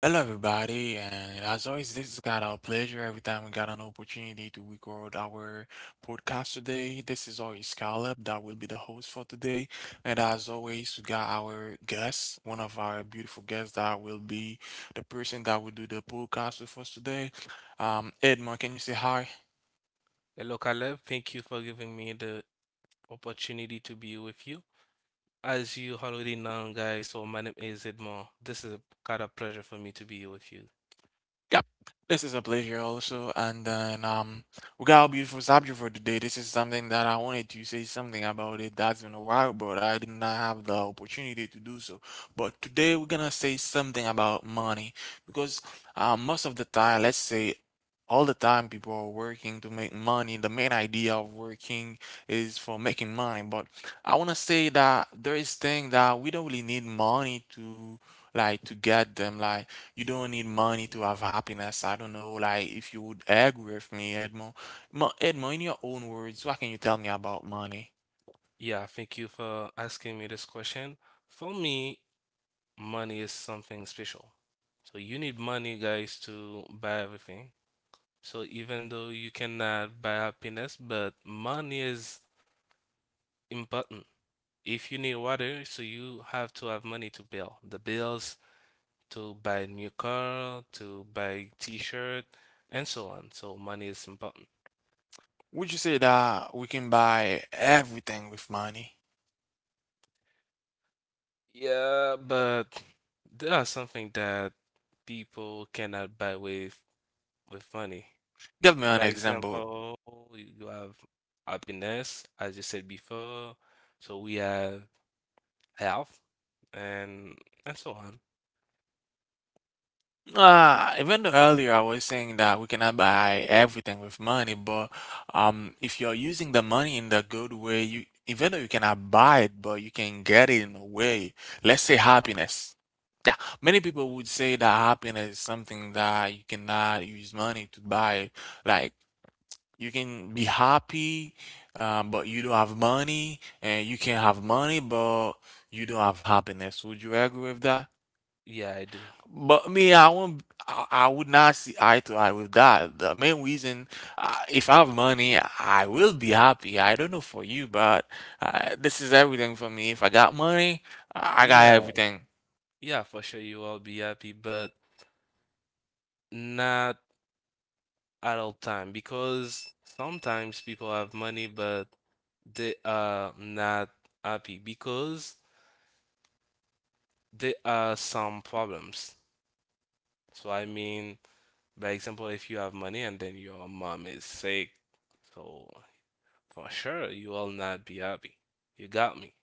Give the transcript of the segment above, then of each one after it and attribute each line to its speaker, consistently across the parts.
Speaker 1: Hello, everybody, and as always, this is kind of a pleasure every time we got an opportunity to record our podcast today. This is always Caleb that will be the host for today, and as always, we got our guest, one of our beautiful guests that will be the person that will do the podcast with us today. Edmond, can you say hi?
Speaker 2: Hello, Caleb. Thank you for giving me the opportunity to be with you. As you already know, guys, so my name is Edmond. This is a kind of pleasure for me to be with you.
Speaker 1: Yep. This is a pleasure also. And then we got a beautiful subject for today. This is something that I wanted to say something about it. That's been a while, but I did not have the opportunity to do so. But today we're gonna say something about money because most of the time, let's say all the time people are working to make money. The main idea of working is for making money. But I wanna say that there is thing that we don't really need money to like to get them like you don't need money to have happiness. I don't know, like, if you would agree with me, Edmond. Edmond, in your own words, what can you tell me about money?
Speaker 2: Yeah, thank you for asking me this question. For me, money is something special. So you need money, guys, to buy everything. So even though you cannot buy happiness, but money is important. If you need water, so you have to have money to pay all the bills, to buy a new car, to buy t-shirt, and so on. So money is important.
Speaker 1: Would you say that we can buy everything with money?
Speaker 2: Yeah, but there are something that people cannot buy with money.
Speaker 1: Give me an
Speaker 2: By
Speaker 1: example.
Speaker 2: example, you have happiness, as you said before. So we have health and and so on.
Speaker 1: Ah, even though earlier I was saying that we cannot buy everything with money, but if you're using the money in the good way, you even though you cannot buy it, but you can get it in a way. Let's say happiness. Yeah, many people would say that happiness is something that you cannot use money to buy. Like you can be happy, but you don't have money, and you can have money, but you don't have happiness. Would you agree with that?
Speaker 2: Yeah, I do.
Speaker 1: But me, I won't. I would not see eye to eye with that. The main reason, if I have money, I will be happy. I don't know for you, but this is everything for me. If I got money, I got
Speaker 2: Yeah,
Speaker 1: everything.
Speaker 2: yeah, for sure you will be happy, but not at all time because sometimes people have money, but they are not happy because there are some problems. So I mean, by example, if you have money and then your mom is sick, so for sure you will not be happy. You got me.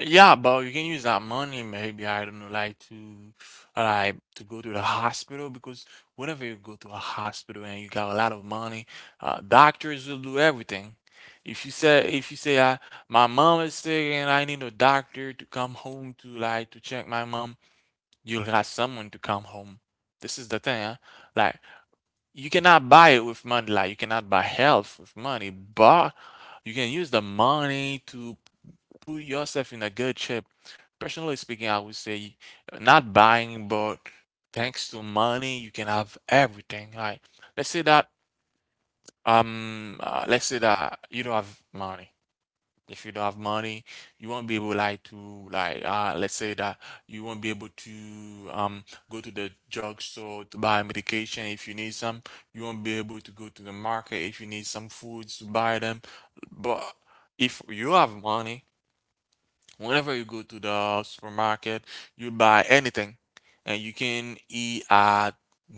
Speaker 1: Yeah, but you can use that money maybe, I don't know, like to go to the hospital because whenever you go to a hospital and you got a lot of money, doctors will do everything. If you say my mom is sick and I need a doctor to come home to like to check my mom, you'll have someone to come home. This is the thing, huh? Like you cannot buy it with money, like you cannot buy health with money, but you can use the money to put yourself in a good shape. Personally speaking, I would say not buying, but thanks to money, you can have everything. Like, let's say that you don't have money. If you don't have money, you won't be able like to like let's say that you won't be able to um go to the drugstore to buy medication if you need some. You won't be able to go to the market if you need some foods to buy them. But if you have money, whenever you go to the supermarket, you buy anything, and you can eat at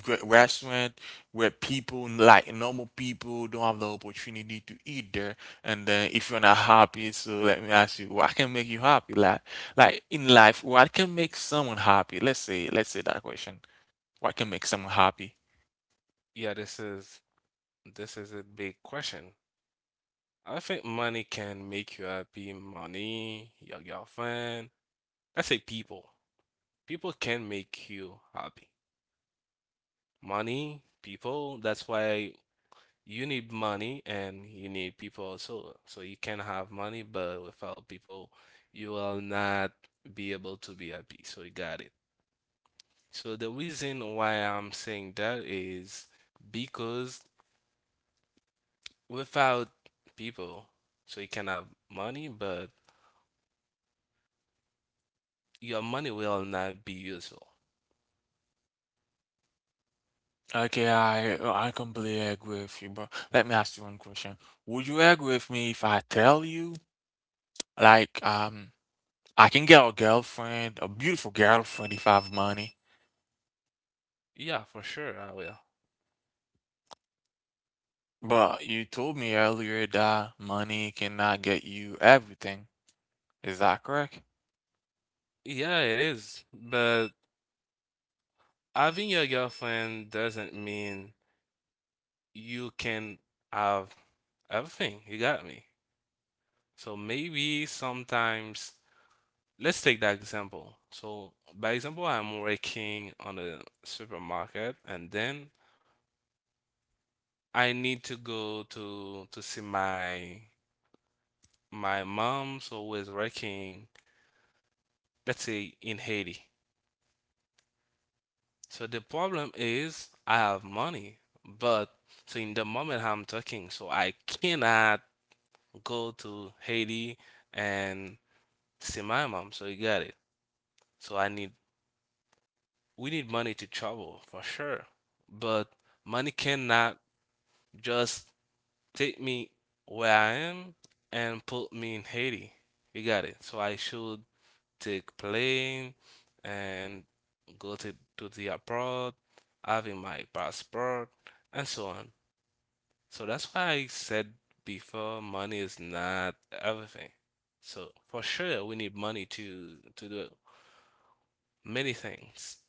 Speaker 1: great restaurant where people like normal people don't have the opportunity to eat there. And then if you're not happy, so let me ask you, what can make you happy? Like in life, what can make someone happy? Let's say that question. What can make someone happy?
Speaker 2: Yeah, this is a big question. I think money can make you happy. Money, your girlfriend. I say people. People can make you happy. Money, people. That's why you need money and you need people also. So you can have money, but without people, you will not be able to be happy. So you got it. So the reason why I'm saying that is because without people, so you can have money, but your money will not be useful.
Speaker 1: Okay, I completely agree with you, but let me ask you one question. Would you agree with me if I tell you, like, I can get a girlfriend, a beautiful girlfriend if I have money.
Speaker 2: Yeah, for sure, I will.
Speaker 1: But you told me earlier that money cannot get you everything. Is that correct?
Speaker 2: Yeah, it is. But having your girlfriend doesn't mean you can have everything. You got me. So maybe sometimes, let's take that example. So by example, I'm working on a supermarket and then I need to go to see my mom, so who is working, let's say in Haiti. So the problem is I have money, but so in the moment I'm talking, so I cannot go to Haiti and see my mom. So you got it. So I need we need money to travel for sure, but money cannot just take me where I am and put me in Haiti. You got it. So I should take plane and go to the abroad, having my passport and so on. So that's why I said before money is not everything. So for sure we need money to do many things.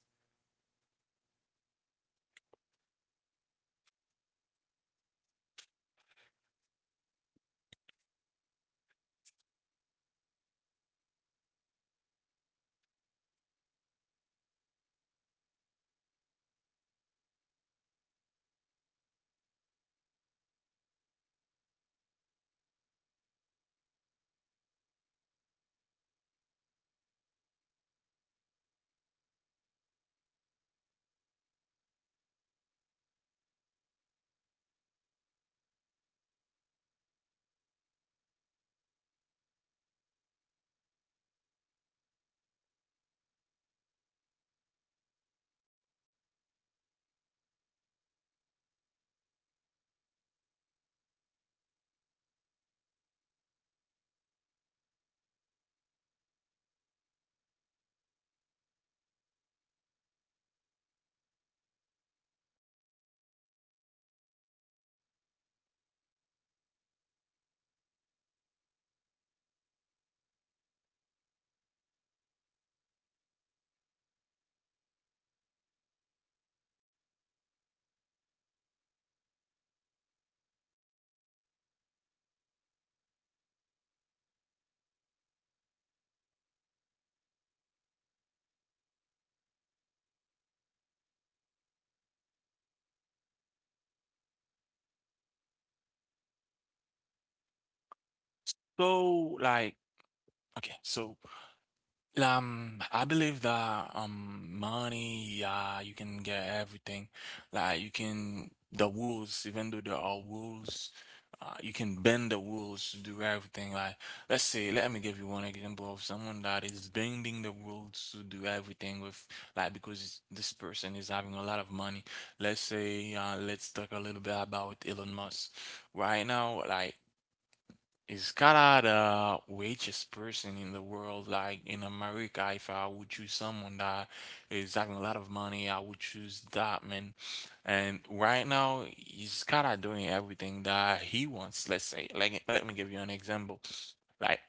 Speaker 1: So, like, okay, so I believe that money, yeah, you can get everything. Like you can the rules, even though there are rules, you can bend the rules to do everything. Like let's say, let me give you one example of someone that is bending the rules to do everything with like because this person is having a lot of money. Let's say, let's talk a little bit about Elon Musk. Right now, like is Canada the richest person in the world? Like in America, if I would choose someone that is having a lot of money, I would choose that man. And right now, he's kind of doing everything that he wants. Let's say, like, let me give you an example. Like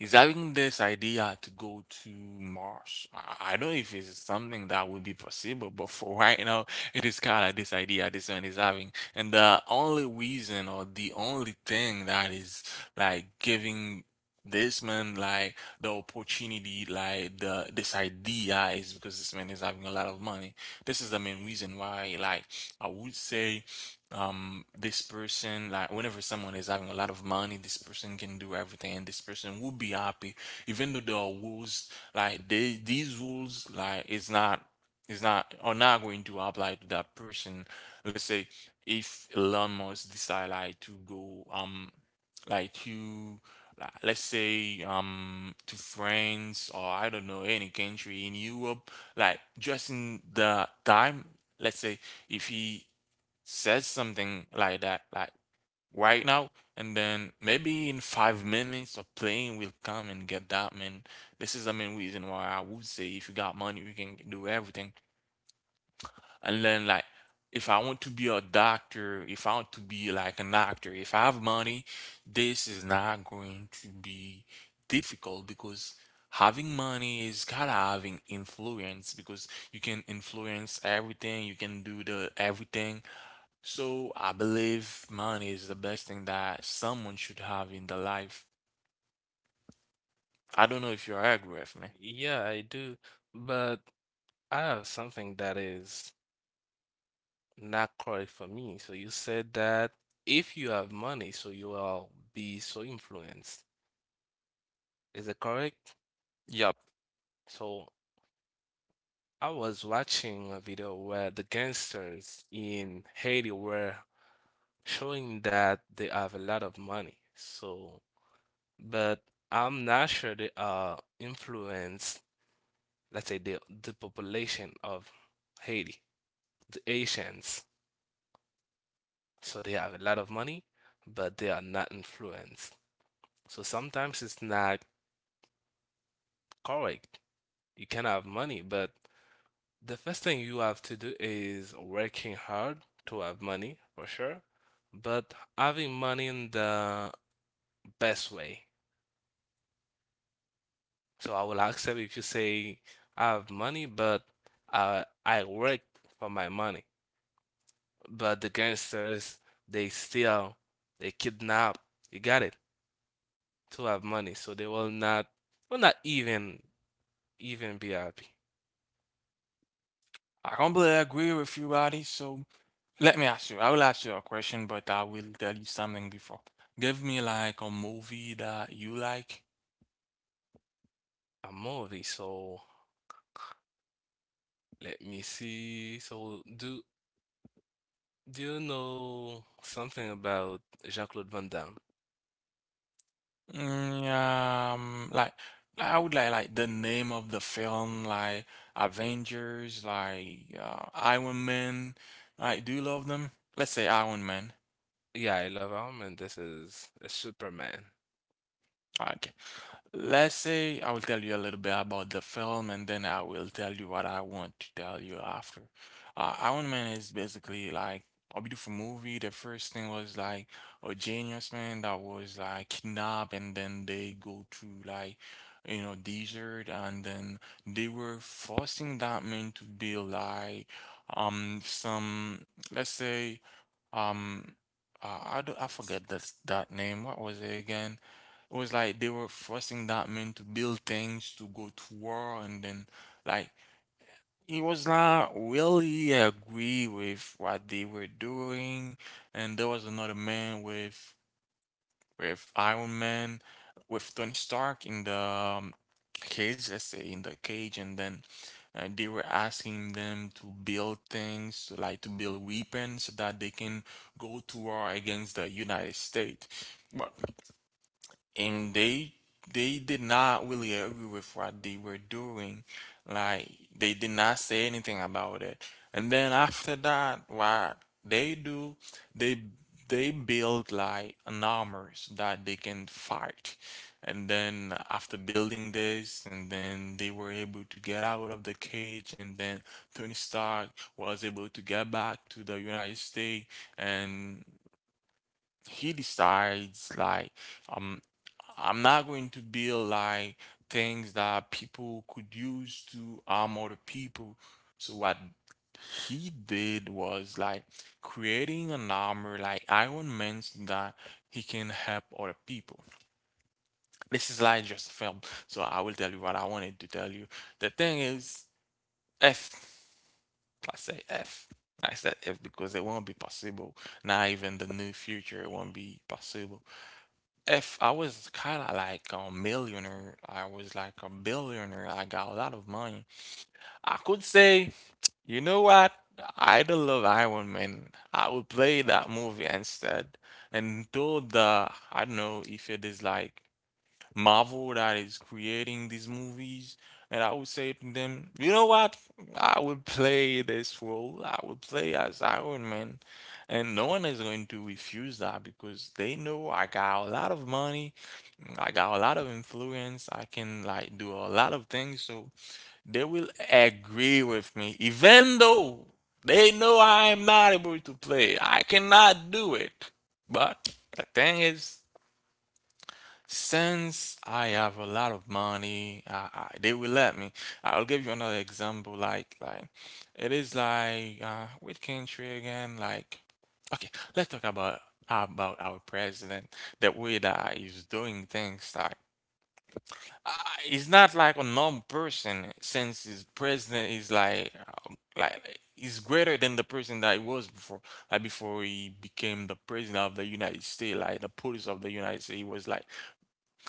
Speaker 1: is having this idea to go to Mars. I don't know if it's something that would be possible, but for right now, it is kind of this idea this man is having. And the only reason or the only thing that is like giving this man like the opportunity, like the this idea is because this man is having a lot of money. This is the main reason why, like I would say this person like whenever someone is having a lot of money this person can do everything and this person will be happy even though there are rules like they, these rules like it's not are not going to apply to that person let's say if Elon Musk decide like to go like to like, let's say to France or I don't know any country in Europe like just in the time let's say if he says something like that, like right now, and then maybe in 5 minutes a plane will come and get that man. This is the main reason why I would say if you got money, you can do everything. And then like if I want to be a doctor, if I want to be like an actor, if I have money, this is not going to be difficult because having money is kind of having influence because you can influence everything, you can do the everything so I believe money is the best thing that someone should have in their life. I don't know if you agree with me.
Speaker 2: Yeah, I do. But I have something that is not correct for me. So you said that if you have money, so you will be so influenced. Is it correct?
Speaker 1: Yep.
Speaker 2: So I was watching a video where the gangsters in Haiti were showing that they have a lot of money. So, but I'm not sure they are influence, let's say the population of Haiti, the Asians. So they have a lot of money, but they are not influenced. So sometimes it's not correct. You can have money, but the first thing you have to do is working hard to have money for sure, but having money in the best way. So I will accept if you say I have money, but I work for my money. But the gangsters, they steal, they kidnap. You got it? To have money, so they will not even be happy.
Speaker 1: I completely agree with you, buddy. So let me ask you. I will ask you a question, but I will tell you something before. Give me like a movie that you like.
Speaker 2: A movie, so let me see. So, do you know something about Jean-Claude Van Damme?
Speaker 1: Mm, um, like like, I would like the name of the film, like Avengers, like Iron Man. Like, do you love them? Let's say Iron Man.
Speaker 2: Yeah, I love him, and this is a Superman.
Speaker 1: Okay. Let's say I will tell you a little bit about the film and then I will tell you what I want to tell you after. Iron Man is basically like a beautiful movie. The first thing was like a genius man that was like kidnapped and then they go through like you know desert and then they were forcing that man to build like some let's say um I forget that name. What was it again? It was like they were forcing that man to build things, to go to war, and then like he was not really agree with what they were doing. And there was another man with Iron Man, with Tony Stark in the cage, let's say in the cage, and then they were asking them to build things, like to build weapons so that they can go to war against the United States. But and they did not really agree with what they were doing. Like they did not say anything about it. And then after that, what they do, they they build like an armors that they can fight. And then after building this, and then they were able to get out of the cage, and then Tony Stark was able to get back to the United States and he decides like um I'm not going to build like things that people could use to harm other people. So what he did was like creating an armor like Iron Man's that he can help other people. This is like just a film, so I will tell you what I wanted to tell you. The thing is F. I say F. I said F because it won't be possible. Not even the near future it won't be possible. If I was kind of like a millionaire, I was like a billionaire, I got a lot of money. I could say, you know what? I don't love Iron Man. I would play that movie instead. And though the, I don't know if it is like Marvel that is creating these movies, and I would say to them, you know what? I would play this role. I would play as Iron Man. And no one is going to refuse that because they know I got a lot of money. I got a lot of influence. I can do a lot of things, so they will agree with me, even though they know I am not able to play. I cannot do it. But the thing is, since I have a lot of money, they will let me. I'll give you another example. It is like with country again. Like, okay, let's talk about our president, the way that he's doing things. Uh, he's not like a normal person since his president is like he's greater than the person that he was before, like before he became the president of the United States. Like the police of the United States, he was like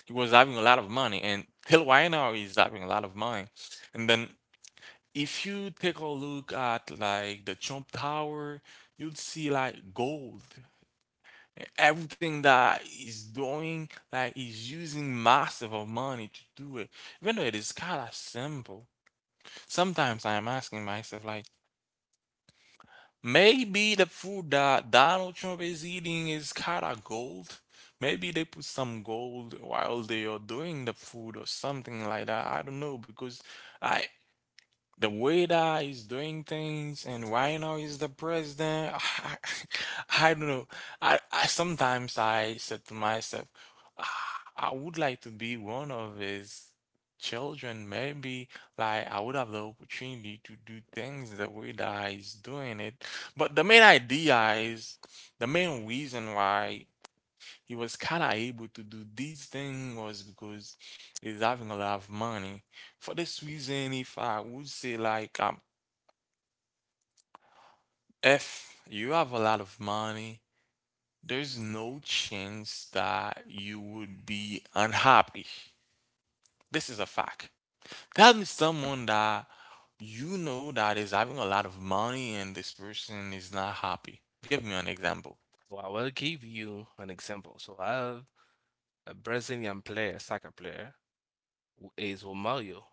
Speaker 1: he was having a lot of money, and till right now he's having a lot of money. And then if you take a look at like the Trump Tower, you'd see like gold. Everything that he's doing, like he's using massive of money to do it. Even though it is kind of simple, sometimes I'm asking myself, like, maybe the food that Donald Trump is eating is kind of gold. Maybe they put some gold while they are doing the food or something like that. I don't know because I the way that he's doing things, and right now he's the president. I don't know. I sometimes I said to myself, "Ah, I would like to be one of his children maybe, like I would have the opportunity to do things the way that he's doing it. But the main idea is the main reason why he was kind of able to do these things was because he's having a lot of money." For this reason, if I would say like, if you have a lot of money, there's no chance that you would be unhappy. This is a fact. Tell me someone that you know that is having a lot of money and this person is not happy. Give me an example.
Speaker 2: Well, I will give you an example. So, I have a Brazilian player, soccer player, who is Romario.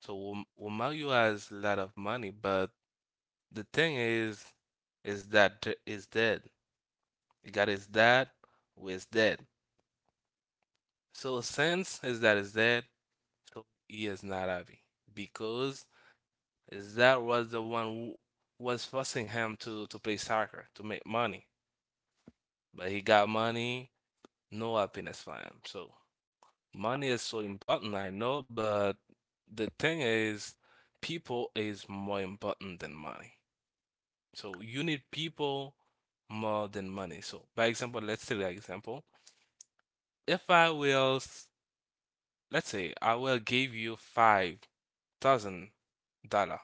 Speaker 2: So, Romario has a lot of money, but the thing is that is dead. He got his dad, who is dead. So, since his dad is dead, so he is not happy because is that was the one who was forcing him to play soccer to make money, but he got money, no happiness for him. So money is so important, I know, but the thing is, people is more important than money. So you need people more than money. So by example, let's take an example. If I will, let's say I will give you $5,000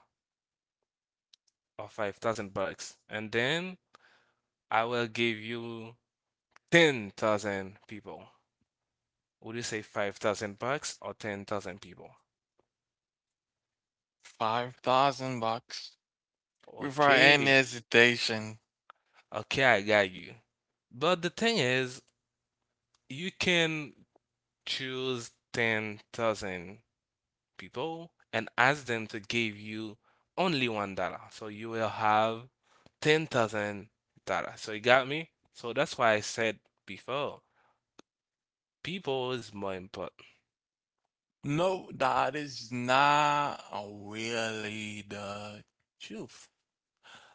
Speaker 2: or 5,000 bucks, and then I will give you 10,000 people. Would you say 5,000 bucks or 10,000 people?
Speaker 1: $5,000 without any
Speaker 2: Okay,
Speaker 1: hesitation.
Speaker 2: okay, I got you. But the thing is, you can choose 10,000 people and ask them to give you only $1. So you will have 10,000 dollars. So you got me? So that's why I said before, people is more important.
Speaker 1: No, that is not really the truth.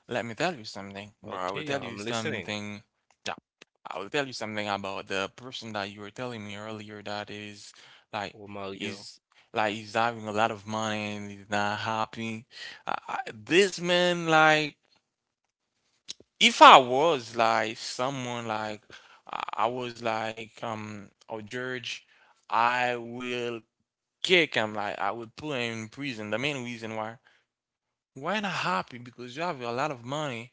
Speaker 1: Let me tell you something, bro. I will
Speaker 2: Okay,
Speaker 1: tell you
Speaker 2: I'm listening.
Speaker 1: something. Yeah, I will tell you something about the person that you were telling me earlier that is like
Speaker 2: Oh, Mario.
Speaker 1: is like he's having a lot of money and he's not happy. This man, like, if I was like someone like, I was like a judge, I will kick him like I would put him in prison. The main reason why not happy because you have a lot of money.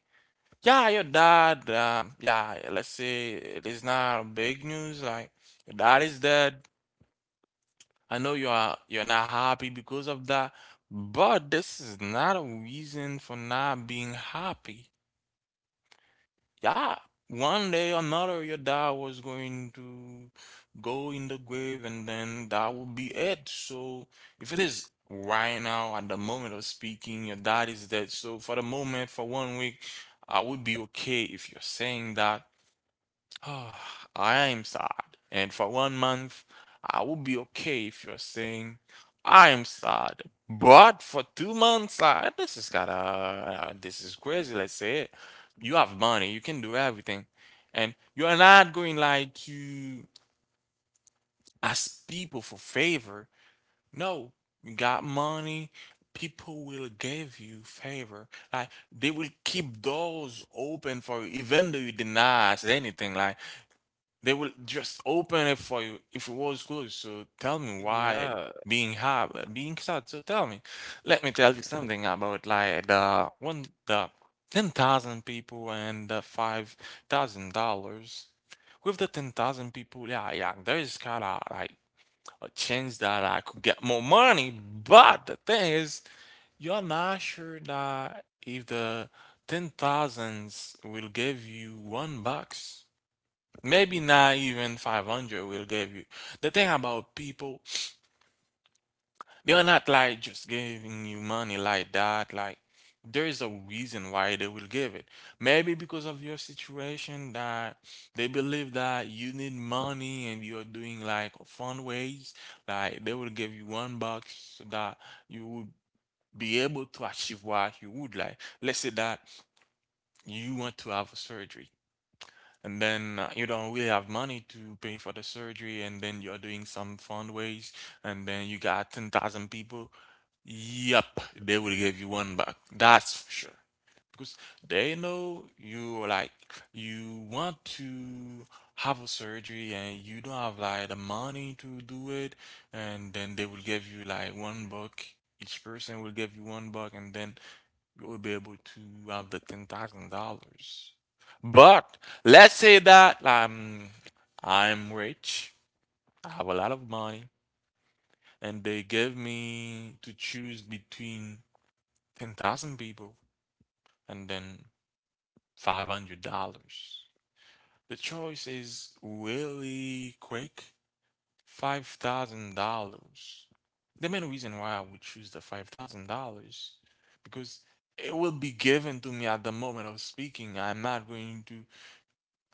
Speaker 1: Yeah, your dad. Yeah, let's say it is not big news. Like your dad is dead. I know you're not happy because of that, but this is not a reason for not being happy. Yeah, one day or another, your dad was going to go in the grave, and then that would be it. So, if it is right now, at the moment of speaking, your dad is dead. So, for the moment, for 1 week, I would be okay if you're saying that. Oh, I am sad, and for 1 month I will be okay if you're saying I am sad. But for 2 months, this is gotta, this is crazy. Let's say it. You have money, you can do everything, and you are not going like to ask people for favor. No, you got money. People will give you favor. Like they will keep doors open for you, even though you deny anything. Like they will just open it for you if it was closed. So tell me why
Speaker 2: Yeah.
Speaker 1: being hard, being sad. So tell me, let me tell you something about like the 10,000 people and the $5,000. With the 10,000 people, yeah, yeah, there is kind of like a chance that I could get more money. But the thing is, you're not sure that if the ten thousands will give you $1, maybe not even 500 will give you. The thing about people, they're not like just giving you money like that. Like there's a reason why they will give it, maybe because of your situation, that they believe that you need money and you're doing like fun ways. Like they will give you one buck so that you would be able to achieve what you would like. Let's say that you want to have a surgery, and then you don't really have money to pay for the surgery, and then you're doing some fundraise, and then you got 10,000 people. Yep, they will give you one back, that's for sure, because they know you like you want to have a surgery and you don't have like the money to do it, and then they will give you like one buck. Each person will give you one buck, and then you will be able to have the $10,000. But let's say that I'm rich, I have a lot of money, and they give me to choose between 10,000 people and then $500. The choice is really quick, $5,000. The main reason why I would choose the $5,000 because it will be given to me at the moment of speaking. I'm not going to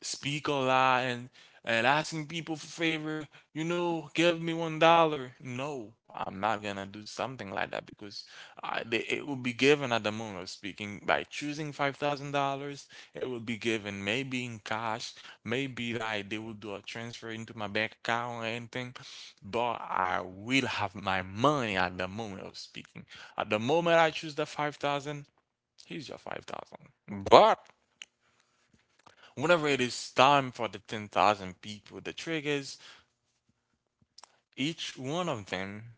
Speaker 1: speak a lot and asking people for favor, you know, give me $1. No, I'm not gonna do something like that because it will be given at the moment of speaking by choosing $5,000. It will be given maybe in cash, maybe like they will do a transfer into my bank account or anything, but I will have my money at the moment of speaking. At the moment I choose the 5,000, here's your 5,000. But whenever it is time for the 10,000 people, the triggers, each one of them,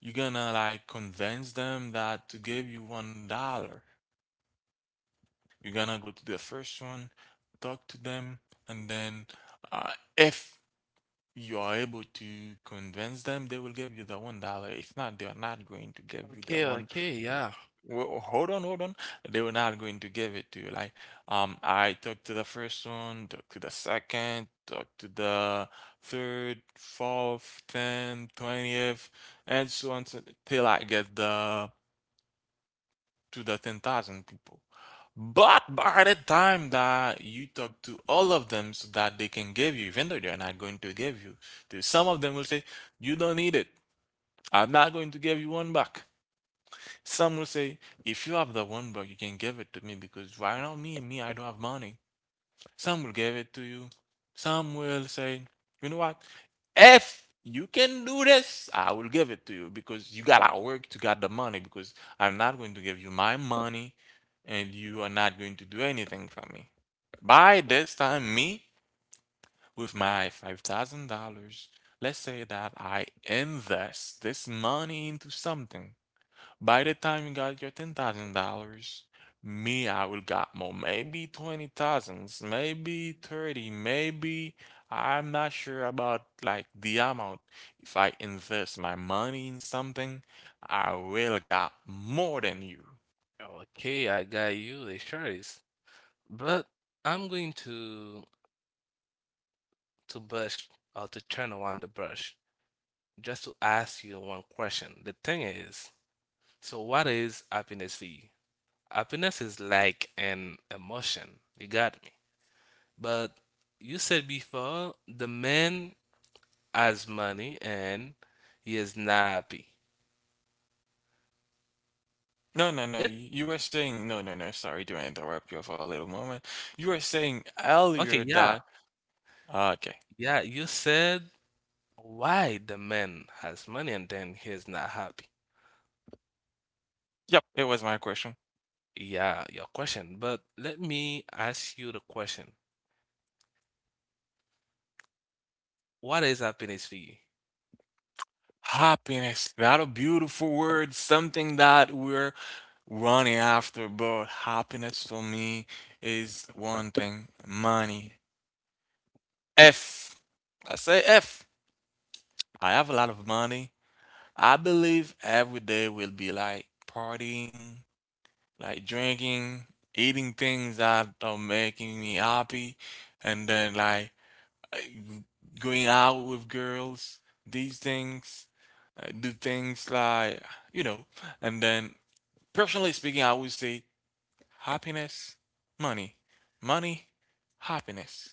Speaker 1: you're gonna like convince them that to give you $1. You're gonna go to the first one, talk to them, and then uh, if you are able to convince them, they will give you the $1. If not, they are not going to give you the
Speaker 2: Okay,
Speaker 1: one.
Speaker 2: okay, yeah.
Speaker 1: Well, hold on, hold on. They were not going to give it to you. Like, I talked to the first one, talked to the second, talked to the third, fourth, tenth, 20th, and so on till I get the to the 10,000 people. But by the time that you talk to all of them so that they can give you, even though they're not going to give you, to some of them will say, "You don't need it. I'm not going to give you one back." Some will say, "If you have the one buck, you can give it to me because right now, I don't have money." Some will give it to you. Some will say, "You know what? If you can do this, I will give it to you because you gotta work to get the money, because I'm not going to give you my money and you are not going to do anything for me." By this time, me, with my $5,000, let's say that I invest this money into something. By the time you got your $10,000, me, I will got more, maybe 20 thousands, maybe 30, maybe I'm not sure about like the amount. If I invest my money in something, I will got more than you.
Speaker 2: Okay, I got you. The choice. But I'm going to brush or to turn around the brush just to ask you one question. The thing is, so what is happiness for you? Happiness is like an emotion. You got me. But you said before the man has money and he is not happy.
Speaker 1: No, no, no.
Speaker 2: If
Speaker 1: You were saying no, no, no. Sorry to interrupt you for a little moment. You were saying
Speaker 2: Okay,
Speaker 1: earlier
Speaker 2: yeah,
Speaker 1: that okay.
Speaker 2: yeah. You said why the man has money and then he is not happy.
Speaker 1: Yep, it was my question.
Speaker 2: Yeah, your question. But let me ask you the question. What is happiness for you?
Speaker 1: Happiness. That a beautiful word. Something that we're running after, but happiness for me is one thing: money. if if I have a lot of money, I believe every day will be like partying, like drinking, eating things that are making me happy, and then like uh, going out with girls, these things, do things like, you know, and then personally speaking I would say happiness, money, money, happiness.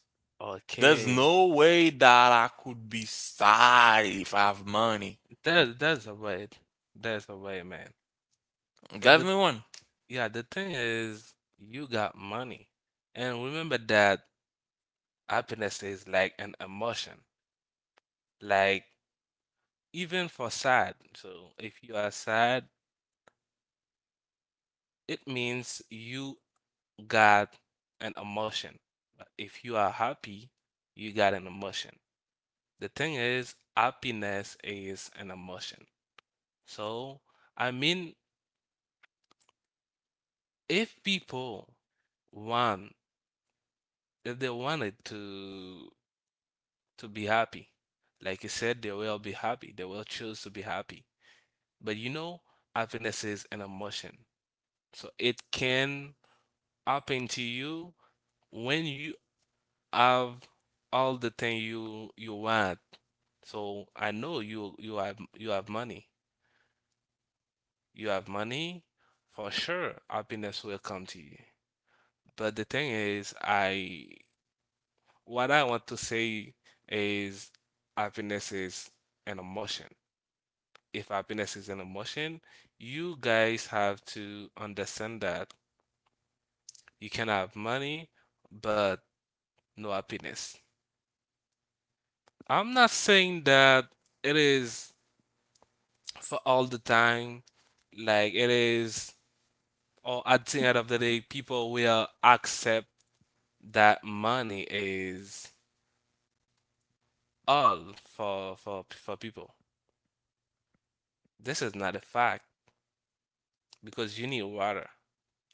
Speaker 1: There's
Speaker 2: Okay.
Speaker 1: no way that I could be sad if I have money.
Speaker 2: That's a way. That's a way, man. So
Speaker 1: That's
Speaker 2: the
Speaker 1: me one.
Speaker 2: yeah, the thing is you got money. And remember that happiness is like an emotion. Like even for sad. So if you are sad, it means you got an emotion. But if you are happy, you got an emotion. The thing is, happiness is an emotion. So, I mean, if people want, if they wanted to be happy, like you said, they will be happy. They will choose to be happy. But you know, happiness is an emotion. So it can happen to you when you have all the thing you want. So I know you have money. You have money, for sure, happiness will come to you. But the thing is, I what I want to say is happiness is an emotion. If happiness is an emotion, you guys have to understand that you can have money, but no happiness. I'm not saying that it is for all the time, like it is, or at the end of the day, people will accept that money is all for people. This is not a fact because you need water.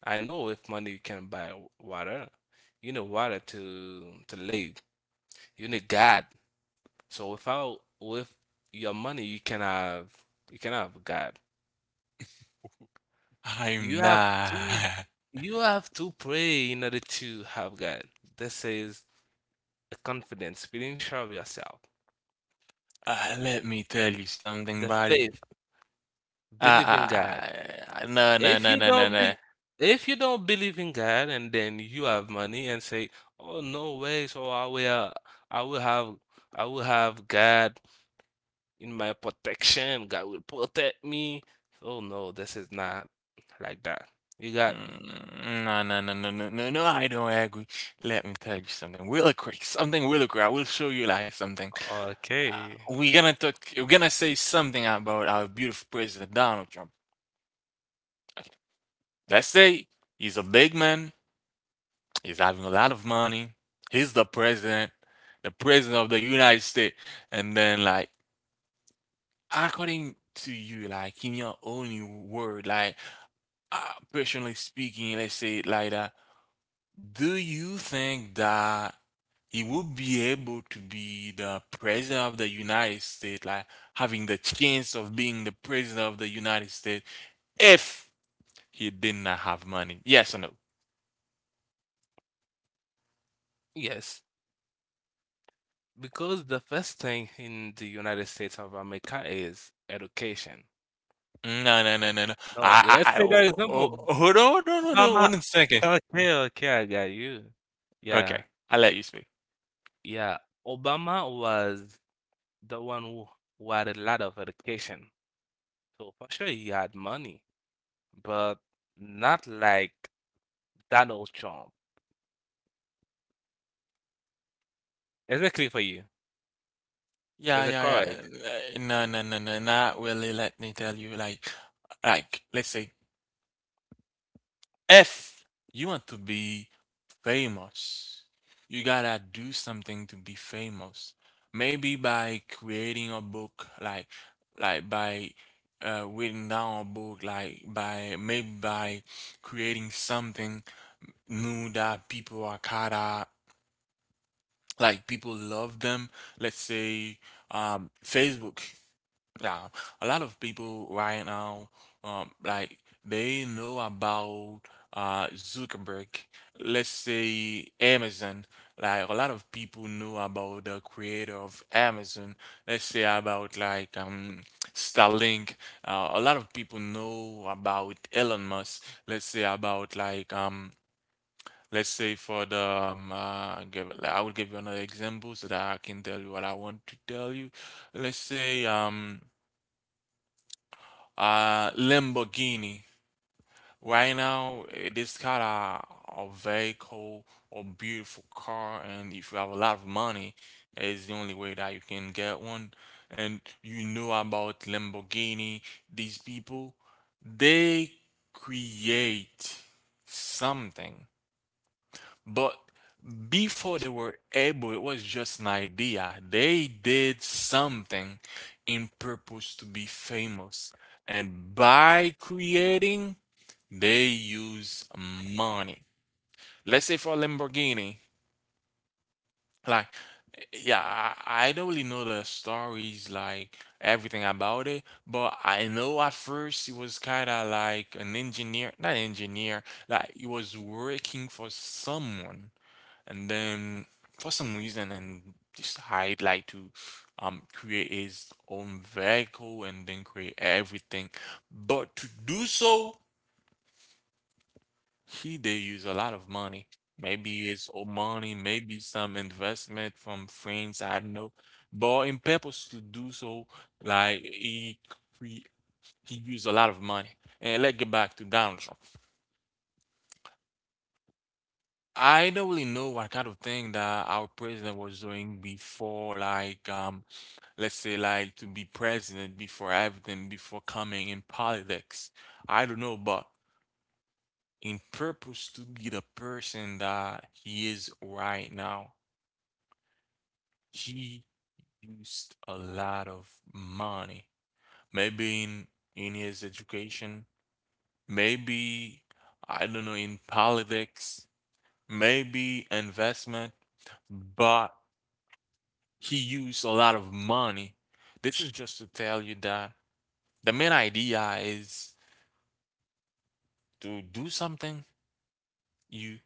Speaker 2: I know if money can buy water, you need water to live. You need God. So without with your money, you can have God. You
Speaker 1: I'm
Speaker 2: have
Speaker 1: not.
Speaker 2: to you have to pray in order to have God. This is a confidence, feeling sure of yourself,
Speaker 1: Let me tell you something,
Speaker 2: the
Speaker 1: buddy.
Speaker 2: faith, believing God.
Speaker 1: No, no,
Speaker 2: If
Speaker 1: no,
Speaker 2: you
Speaker 1: no, no,
Speaker 2: don't bel
Speaker 1: no.
Speaker 2: if you don't believe in God and then you have money and say, "Oh, no way, so I will have I will have God in my protection. God will protect me." Oh no, this is not like that. You got me.
Speaker 1: No, no, no, no, no, no, no, I don't agree. Let me tell you something really quick. Something really quick. I will show you like something. Uh,
Speaker 2: Okay.
Speaker 1: we're gonna talk, we're gonna say something about our beautiful president, Donald Trump. Let's say he's a big man, he's having a lot of money, he's the president of the United States, and then like according to you, like in your own word, like uh, personally speaking, let's say it like that, do you think that he would be able to be the president of the United States, like having the chance of being the president of the United States if he did not have money? Yes or no?
Speaker 2: Yes, because the first thing in the United States of America is education.
Speaker 1: No, no, no, no, no.
Speaker 2: No, let's
Speaker 1: I oh,
Speaker 2: take that example.
Speaker 1: oh, oh, Hold on, hold on, hold on
Speaker 2: Obama.
Speaker 1: one second.
Speaker 2: Okay, okay, I got you. Yeah.
Speaker 1: Okay, I let you speak.
Speaker 2: Yeah, Obama was the one who had a lot of education. So for sure he had money, but not like Donald Trump. Is it clear for you?
Speaker 1: Yeah,
Speaker 2: Is it
Speaker 1: yeah, yeah.
Speaker 2: correct?
Speaker 1: No, no, no, no, not really. Let me tell you, let's say, if you want to be famous, you gotta do something to be famous. Maybe by creating a book, like by writing down a book, like by maybe by creating something new that people are kinda like, people love them. Let's say Facebook. Yeah, a lot of people right now, like they know about Zuckerberg. Let's say Amazon. Like a lot of people know about the creator of Amazon. Let's say about like Starlink. A lot of people know about Elon Musk. Let's say for the I will give you another example so that I can tell you what I want to tell you. Let's say Lamborghini. Right now, eh, this kind of a vehicle, or beautiful car, and if you have a lot of money, is the only way that you can get one. And you know about Lamborghini. These people, they create something. But before they were able, it was just an idea. They did something in purpose to be famous. And by creating, they use money. Let's say for Lamborghini, like, yeah, I don't really know the stories, like everything about it, but I know at first he was kind of like an engineer, not engineer, like he was working for someone and then for some reason, and decide like to create his own vehicle and then create everything. But to do so, he did use a lot of money. Maybe his own money, maybe some investment from friends, I don't know. But in purpose to do so, like he cre- he used a lot of money. And let's get back to Donald Trump. I don't really know what kind of thing that our president was doing before, like, let's say, like to be president, before everything, before coming in politics, I don't know. But in purpose to be the person that he is right now, he used a lot of money. Maybe in, his education, maybe, I don't know, in politics, maybe investment, but he used a lot of money. This is just to tell you that the main idea is, to do something, you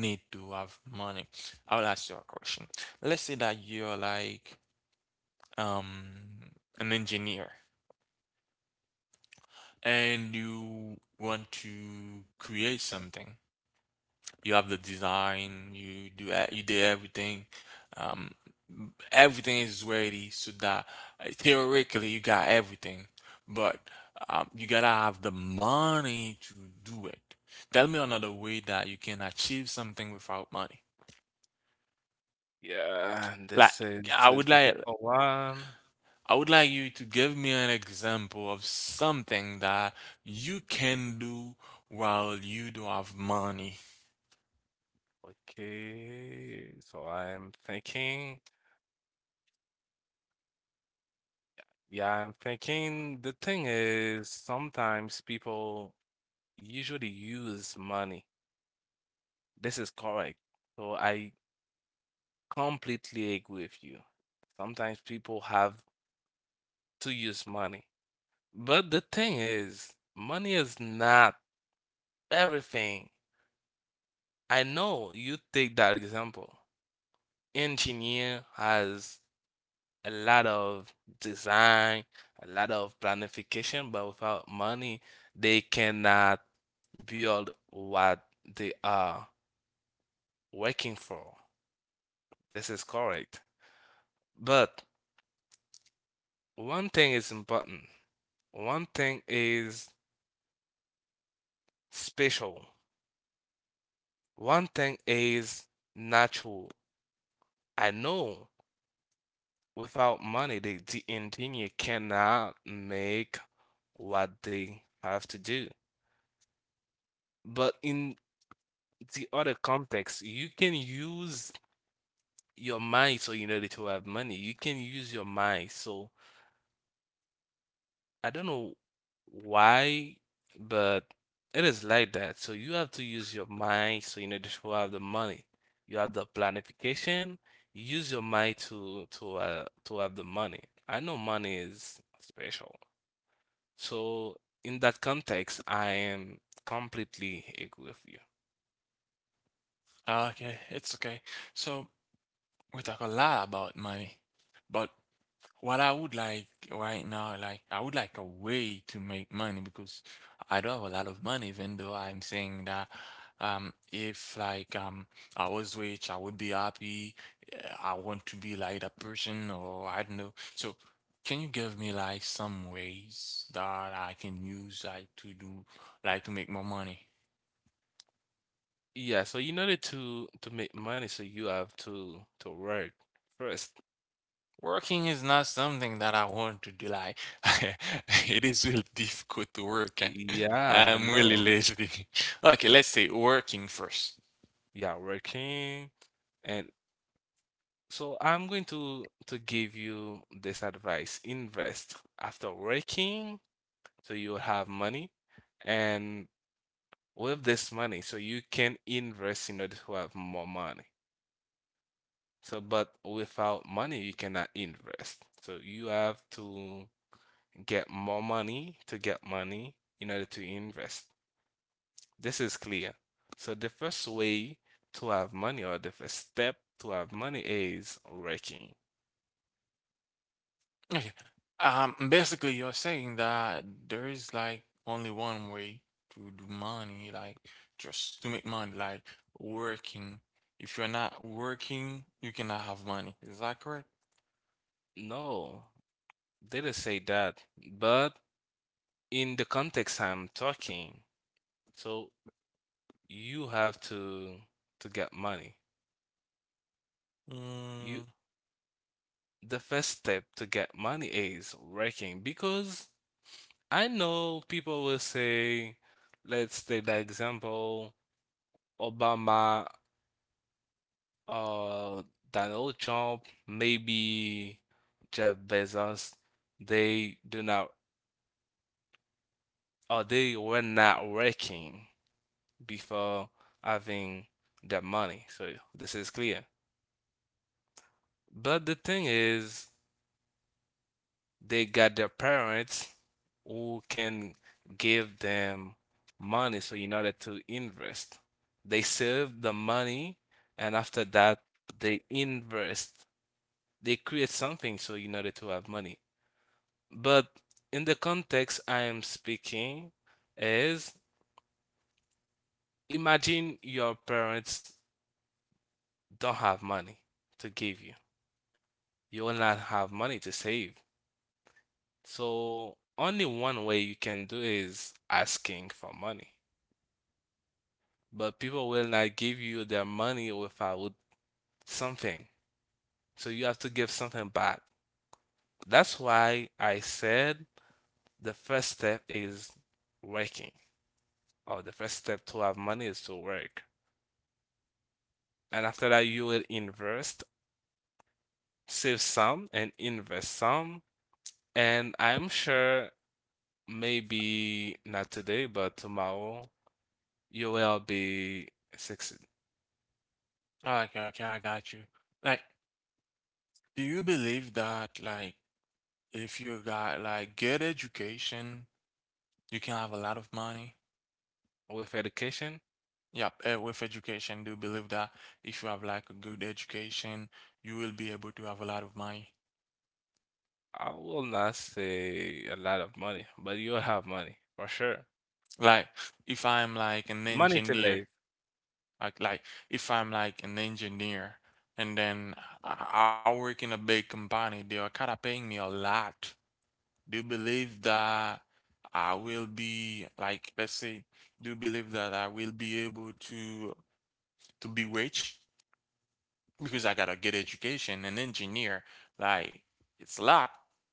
Speaker 1: need to have money. I'll ask you a question. Let's say that you're like um an engineer and you want to create something. You have the design, you do everything. Um Everything is ready so that, theoretically, you got everything, but you gotta have the money to do it. Tell me another way that you can achieve something without money.
Speaker 2: Yeah,
Speaker 1: Like,
Speaker 2: this is
Speaker 1: I
Speaker 2: a
Speaker 1: would like
Speaker 2: difficult one.
Speaker 1: I would like you to give me an example of something that you can do while you don't have money.
Speaker 2: Okay, so I'm thinking. Yeah, I'm thinking the thing is sometimes people usually use money. This is correct. So I completely agree with you. Sometimes people have to use money. But the thing is, money is not everything. I know you take that example. Engineer has a lot of design, a lot of planification, but without money, they cannot build what they are working for. This is correct. But one thing is button. One thing is special. One thing is natural. I know without money, the engineer cannot make what they have to do. But in the other context, you can use your mind so in order to have money. You can use your mind so I don't know why, but it is like that. So you have to use your mind. So in order to have the money, you have the planification. You use your mind to have the money. I know money is special. So in that context, I am completely agree with you.
Speaker 1: Ah, okay, it's okay. So we talk a lot about money, but what I would like right now, like I would like a way to make money, because I do not have a lot of money, even though I'm saying that, if I was rich, I would be happy. Eh, I want to be like that person, or I don't know. So can you give me like some ways that I can use, like to do, like to make more money?
Speaker 2: Yeah. So in order to make money, so you have to work first.
Speaker 1: Working is not something that I want to do. Like, it is really difficult to work. Eh?
Speaker 2: Yeah, I
Speaker 1: I'm really
Speaker 2: know.
Speaker 1: lazy. Okay, let's say working first.
Speaker 2: Yeah, working and so I'm going to give you this advice. Invest after working so you have money and with this money so you can invest in order to have more money. So but without money you cannot invest. So you have to get more money to get money in order to invest. This is clear. So the first way to have money or the first step to have money is working.
Speaker 1: Okay. Basically, you're saying that there is like only one way to do money, like just to make money, like working. If you're not working, you cannot have money. Is that correct?
Speaker 2: No. Didn't say that, but in the context I'm talking, so you have to get money. You
Speaker 1: Mm,
Speaker 2: the first step to get money is working because I know people will say, let's take the example, Obama or Donald Trump, maybe Jeff Bezos, they do not or they were not working before having their money. So this is clear. But the thing is, they got their parents who can give them money so in order to invest. They save the money and after that they invest. They create something so in order to have money. But in the context I am speaking is imagine your parents don't have money to give you. You will not have money to save. So only one way you can do is asking for money. But people will not give you their money without with something. So you have to give something back. That's why I said the first step is working, or the first step to have money is to work. And after that, you will invest, save some, and invest some. And I'm sure maybe not today, but tomorrow you will be success
Speaker 1: okay, okay, I got you. Like, do you believe that, like, if you got like good education, you can have a lot of money.
Speaker 2: with education.
Speaker 1: Yep, with education, do believe that if you have like a good education, you will be able to have a lot of money.
Speaker 2: I will not say a lot of money, but you'll have money for sure.
Speaker 1: Like if I'm like an
Speaker 2: Money to
Speaker 1: engineer,
Speaker 2: live.
Speaker 1: like If I'm like an engineer, and then I work in a big company, they are kind of paying me a lot. Do you believe that I will be like, let's say, do you believe that I will be able to be rich? Because I got a good education, an engineer. Like, it's a lot.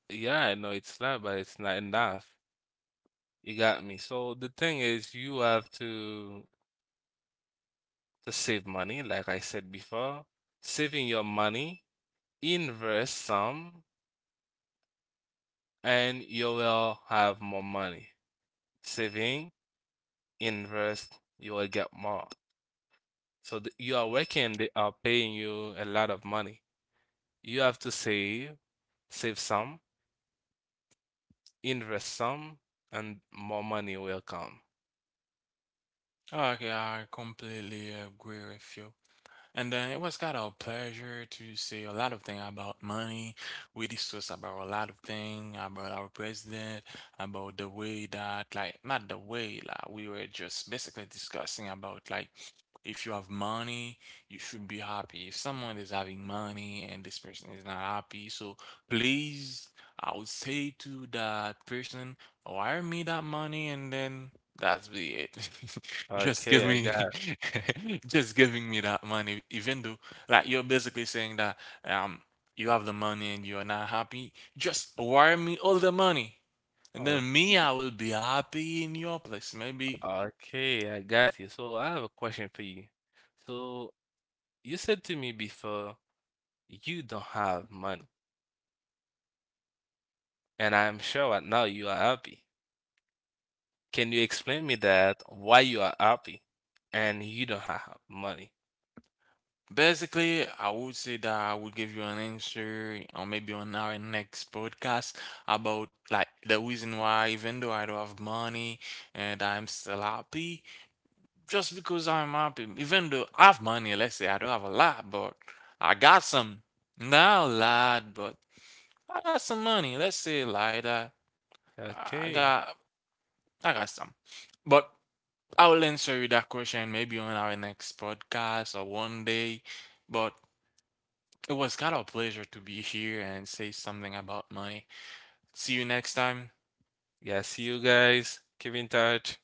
Speaker 2: Yeah, I know it's a lot, but it's not enough. You got me. So the thing is, you have to save money, like I said before. Saving your money, invest some, and you will have more money. Saving, invest, you will get more. So th you are working, they are paying you a lot of money. You have to save, save some, invest some, and more money will come.
Speaker 1: Okay, I completely agree with you. And then it was kind of a pleasure to say a lot of things about money. We discussed about a lot of things about our president, about the way that, like, not the way, like, we were just basically discussing about, like, if you have money, you should be happy. If someone is having money and this person is not happy, so please, I would say to that person, wire me that money, and then that's be it. Just give
Speaker 2: Okay, I got
Speaker 1: me, just giving me that money, even though, like, you're basically saying that um you have the money and you're not happy, just wire me all the money, and
Speaker 2: oh,
Speaker 1: then me, I will be happy in your place, maybe.
Speaker 2: okay, I got you. So I have a question for you. So you said to me before you don't have money, and I'm sure right now you are happy. Can you explain me that why you are happy and you don't have money?
Speaker 1: Basically, I would say that I would give you an answer, or maybe on our next podcast, about like the reason why, even though I don't have money and I'm still happy, just because I'm happy, even though I have money. Let's say I don't have a lot, but I got some. Not a lot, but I got some money. Let's say like that. I
Speaker 2: Okay.
Speaker 1: got I got some. But I will answer you that question maybe on our next podcast, or one day. But it was kind of a pleasure to be here and say something about money. See you next time.
Speaker 2: Yeah, see you guys. Keep in touch.